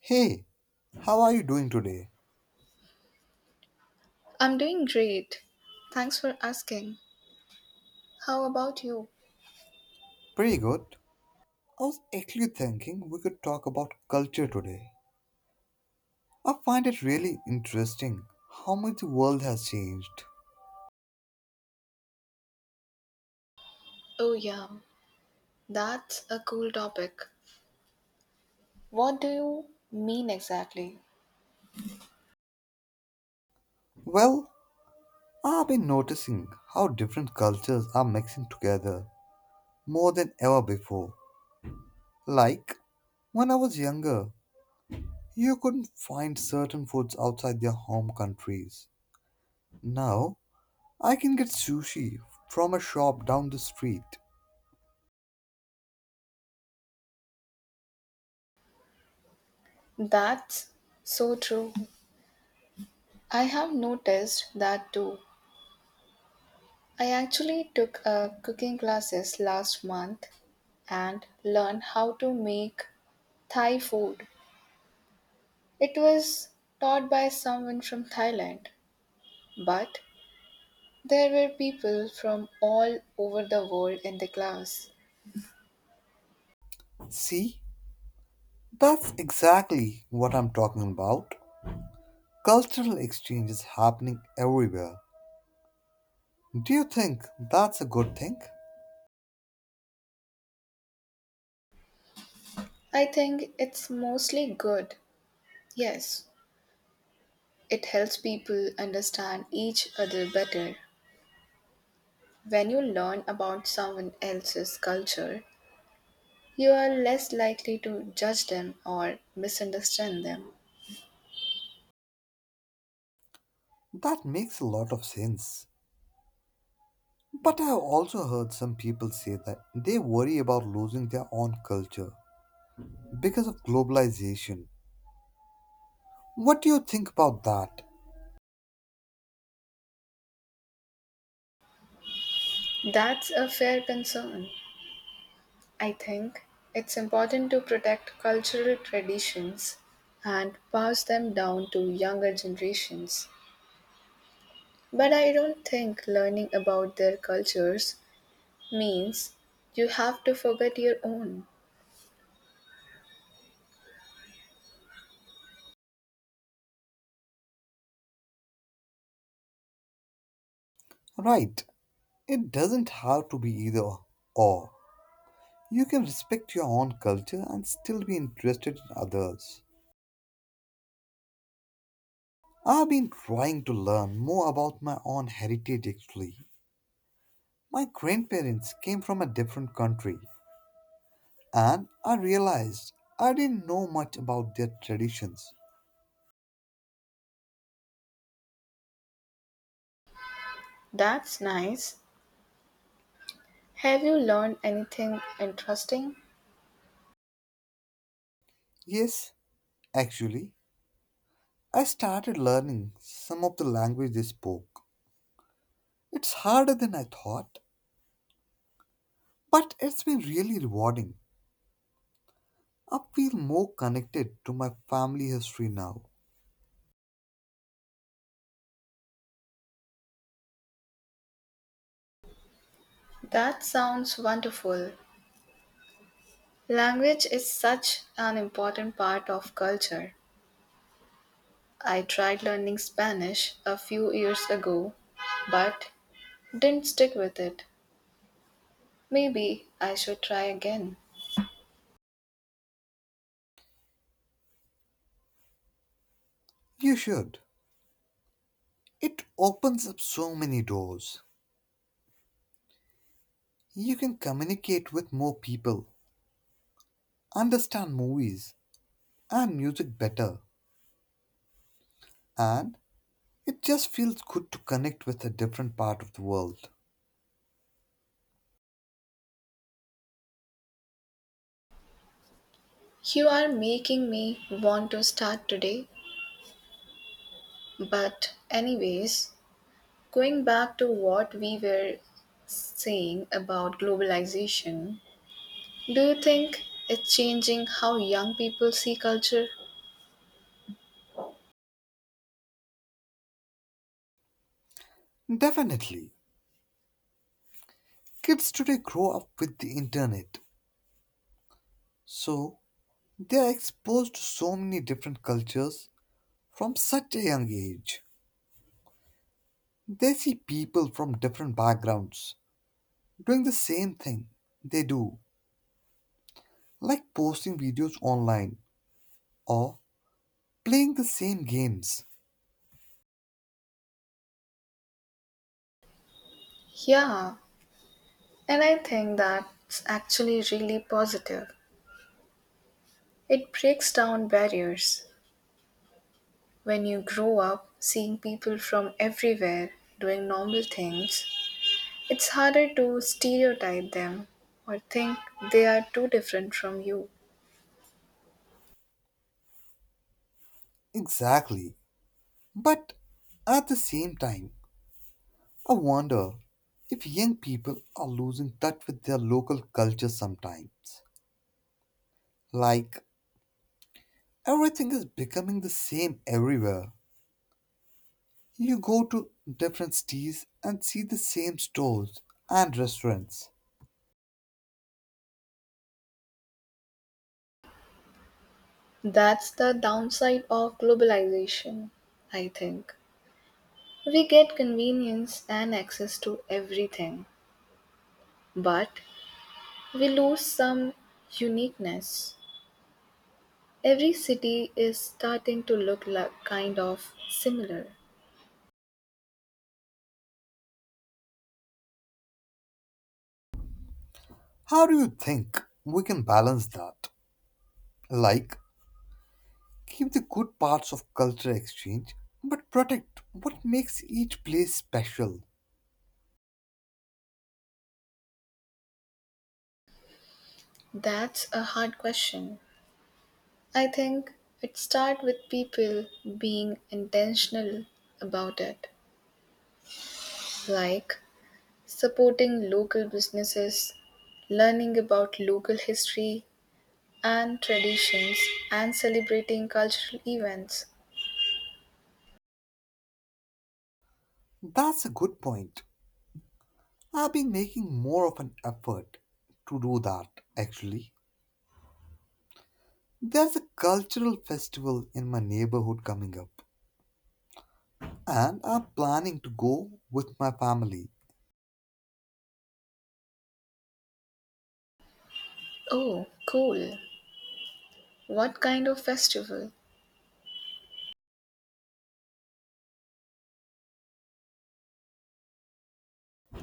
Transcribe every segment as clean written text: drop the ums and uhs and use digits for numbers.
Hey, how are you doing today? I'm doing great. Thanks for asking. How about you? Pretty good. I was actually thinking we could talk about culture today. I find it really interesting how much the world has changed. Oh, yeah, that's a cool topic. What do you mean exactly? Well, I've been noticing how different cultures are mixing together more than ever before. Like, when I was younger, you couldn't find certain foods outside their home countries. Now, I can get sushi from a shop down the street. That's so true. I have noticed that too. I actually took a cooking classes last month and learned how to make Thai food. It was taught by someone from Thailand, but there were people from all over the world in the class. See? That's exactly what I'm talking about. Cultural exchange is happening everywhere. Do you think that's a good thing? I think it's mostly good. Yes, it helps people understand each other better. When you learn about someone else's culture, you are less likely to judge them or misunderstand them. That makes a lot of sense. But I've also heard some people say that they worry about losing their own culture because of globalization. What do you think about that? That's a fair concern. I think it's important to protect cultural traditions and pass them down to younger generations. But I don't think learning about their cultures means you have to forget your own. Right, it doesn't have to be either or. You can respect your own culture and still be interested in others. I've been trying to learn more about my own heritage actually. My grandparents came from a different country, and I realized I didn't know much about their traditions. That's nice. Have you learned anything interesting? Yes, actually, I started learning some of the language they spoke. It's harder than I thought, but it's been really rewarding. I feel more connected to my family history now. That sounds wonderful. Language is such an important part of culture. I tried learning Spanish a few years ago, but didn't stick with it. Maybe I should try again. You should. It opens up so many doors. You can communicate with more people, understand movies and music better, and it just feels good to connect with a different part of the world. You are making me want to start today. But, anyways, going back to what we were saying about globalization, do you think it's changing how young people see culture? Definitely, kids today grow up with the internet, so they are exposed to so many different cultures from such a young age. They see people from different backgrounds doing the same thing they do, like posting videos online or playing the same games. Yeah, and I think that's actually really positive. It breaks down barriers. When you grow up seeing people from everywhere doing normal things, it's harder to stereotype them or think they are too different from you. Exactly. But at the same time, I wonder if young people are losing touch with their local culture sometimes. Like, everything is becoming the same everywhere. You go to different cities and see the same stores and restaurants. That's the downside of globalization, I think. We get convenience and access to everything, but we lose some uniqueness. Every city is starting to look like kind of similar. How do you think we can balance that? Like, keep the good parts of culture exchange, but protect what makes each place special. That's a hard question. I think it starts with people being intentional about it, like supporting local businesses, learning about local history and traditions, and celebrating cultural events. That's a good point. I've been making more of an effort to do that, actually. There's a cultural festival in my neighborhood coming up, and I'm planning to go with my family. Oh, cool. What kind of festival?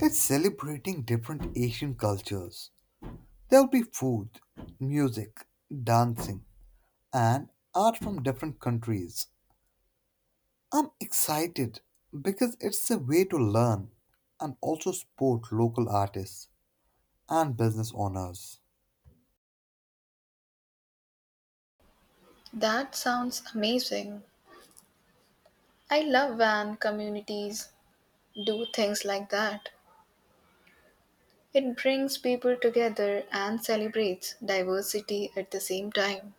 It's celebrating different Asian cultures. There'll be food, music, dancing, and art from different countries. I'm excited because it's a way to learn and also support local artists and business owners. That sounds amazing. I love when communities do things like that. It brings people together and celebrates diversity at the same time.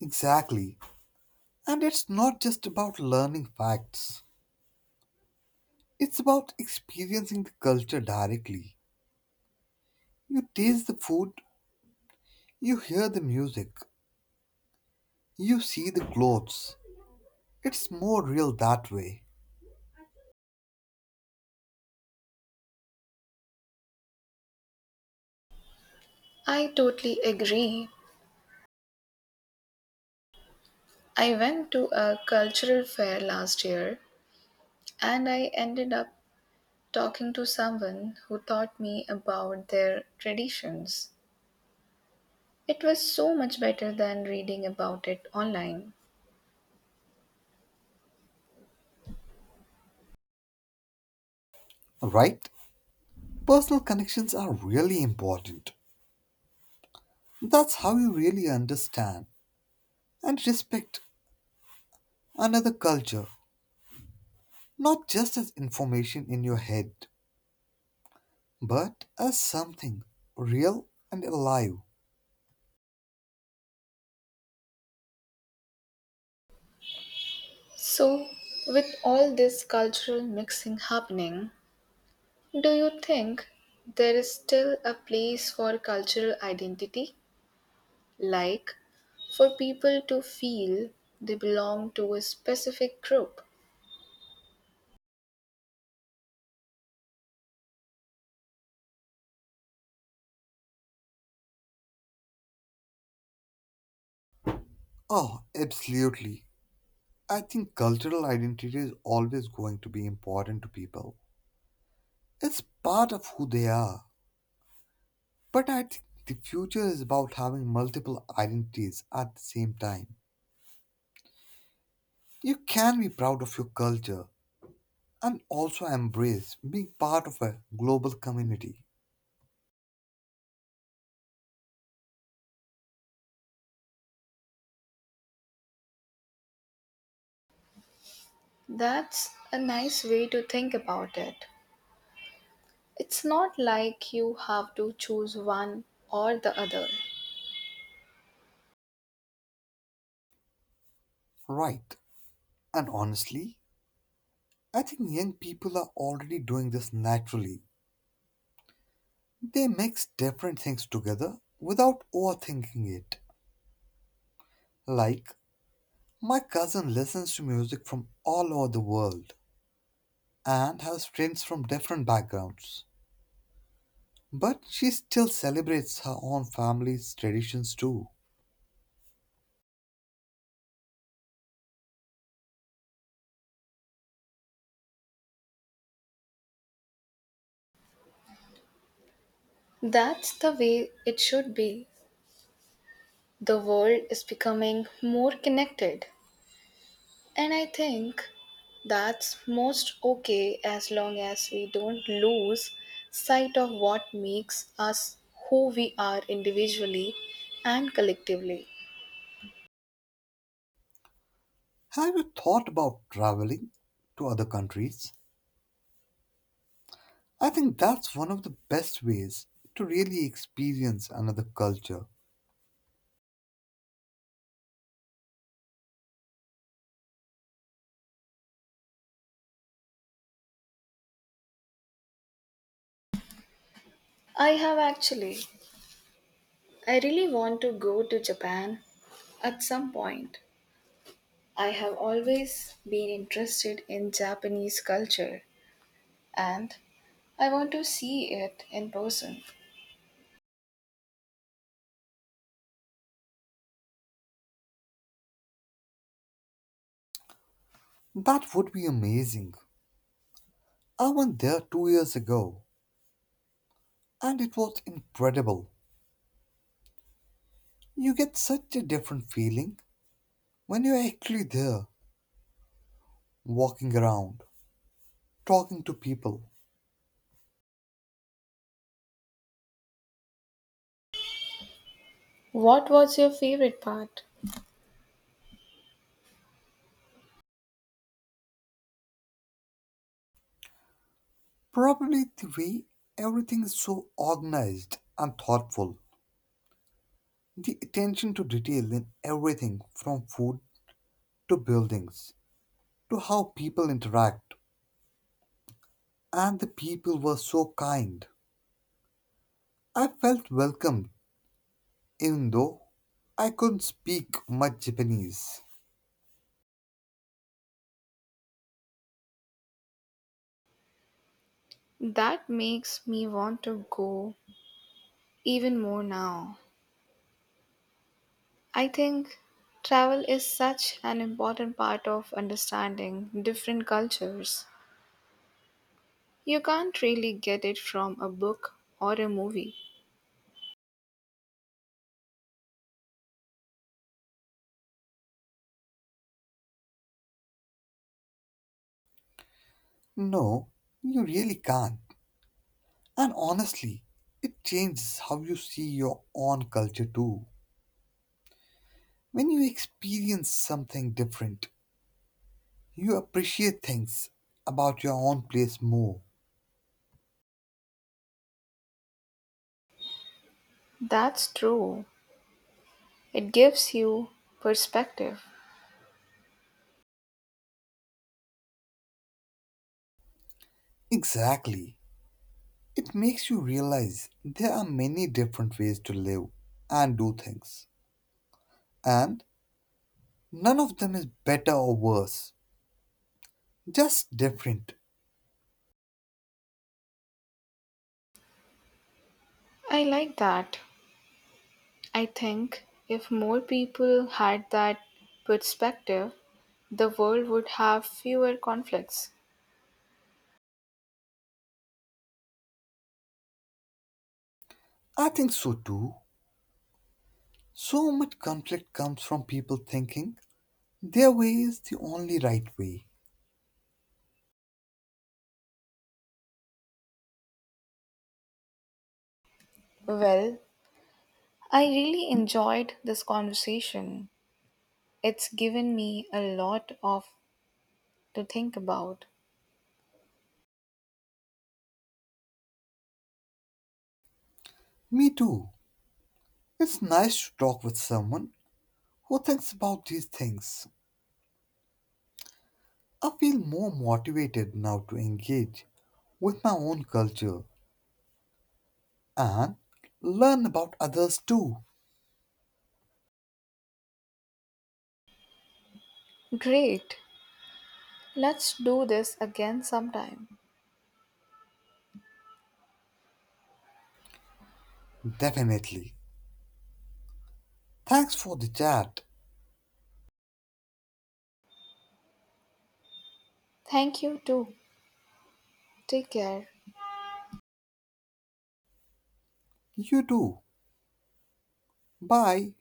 Exactly. And it's not just about learning facts. It's about experiencing the culture directly. You taste the food, you hear the music, you see the clothes. It's more real that way, I totally agree. I went to a cultural fair last year and I ended up talking to someone who taught me about their traditions. It was so much better than reading about it online. right? Personal connections are really important. That's how you really understand and respect another culture, not just as information in your head, but as something real and alive. So, with all this cultural mixing happening, do you think there is still a place for cultural identity? Like, for people to feel they belong to a specific group? Oh, absolutely. I think cultural identity is always going to be important to people. It's part of who they are. But I think the future is about having multiple identities at the same time. You can be proud of your culture and also embrace being part of a global community. That's a nice way to think about it. It's not like you have to choose one or the other. Right. And honestly, I think young people are already doing this naturally. They mix different things together without overthinking it. Like, my cousin listens to music from all over the world and has friends from different backgrounds. But she still celebrates her own family's traditions too. That's the way it should be. The world is becoming more connected, and I think that's most okay as long as we don't lose sight of what makes us who we are individually and collectively. Have you thought about traveling to other countries? I think that's one of the best ways to really experience another culture. I have actually, I really want to go to Japan at some point. I have always been interested in Japanese culture and I want to see it in person. That would be amazing. I went there 2 years ago and it was incredible. You get such a different feeling when you're actually there, walking around, talking to people. What was your favorite part? Probably the way everything is so organized and thoughtful. The attention to detail in everything from food to buildings to how people interact, and the people were so kind. I felt welcome, even though I couldn't speak much Japanese. That makes me want to go even more now. I think travel is such an important part of understanding different cultures. You can't really get it from a book or a movie. No, you really can't. And honestly, it changes how you see your own culture too. When you experience something different, you appreciate things about your own place more. That's true. It gives you perspective. Exactly. It makes you realize there are many different ways to live and do things, and none of them is better or worse, just different. I like that. I think if more people had that perspective, the world would have fewer conflicts. I think so too. So much conflict comes from people thinking their way is the only right way. Well, I really enjoyed this conversation. It's given me a lot of to think about. Me too. It's nice to talk with someone who thinks about these things. I feel more motivated now to engage with my own culture and learn about others too. Great. Let's do this again sometime. Definitely. Thanks for the chat. Thank you too. Take care. You too. Bye.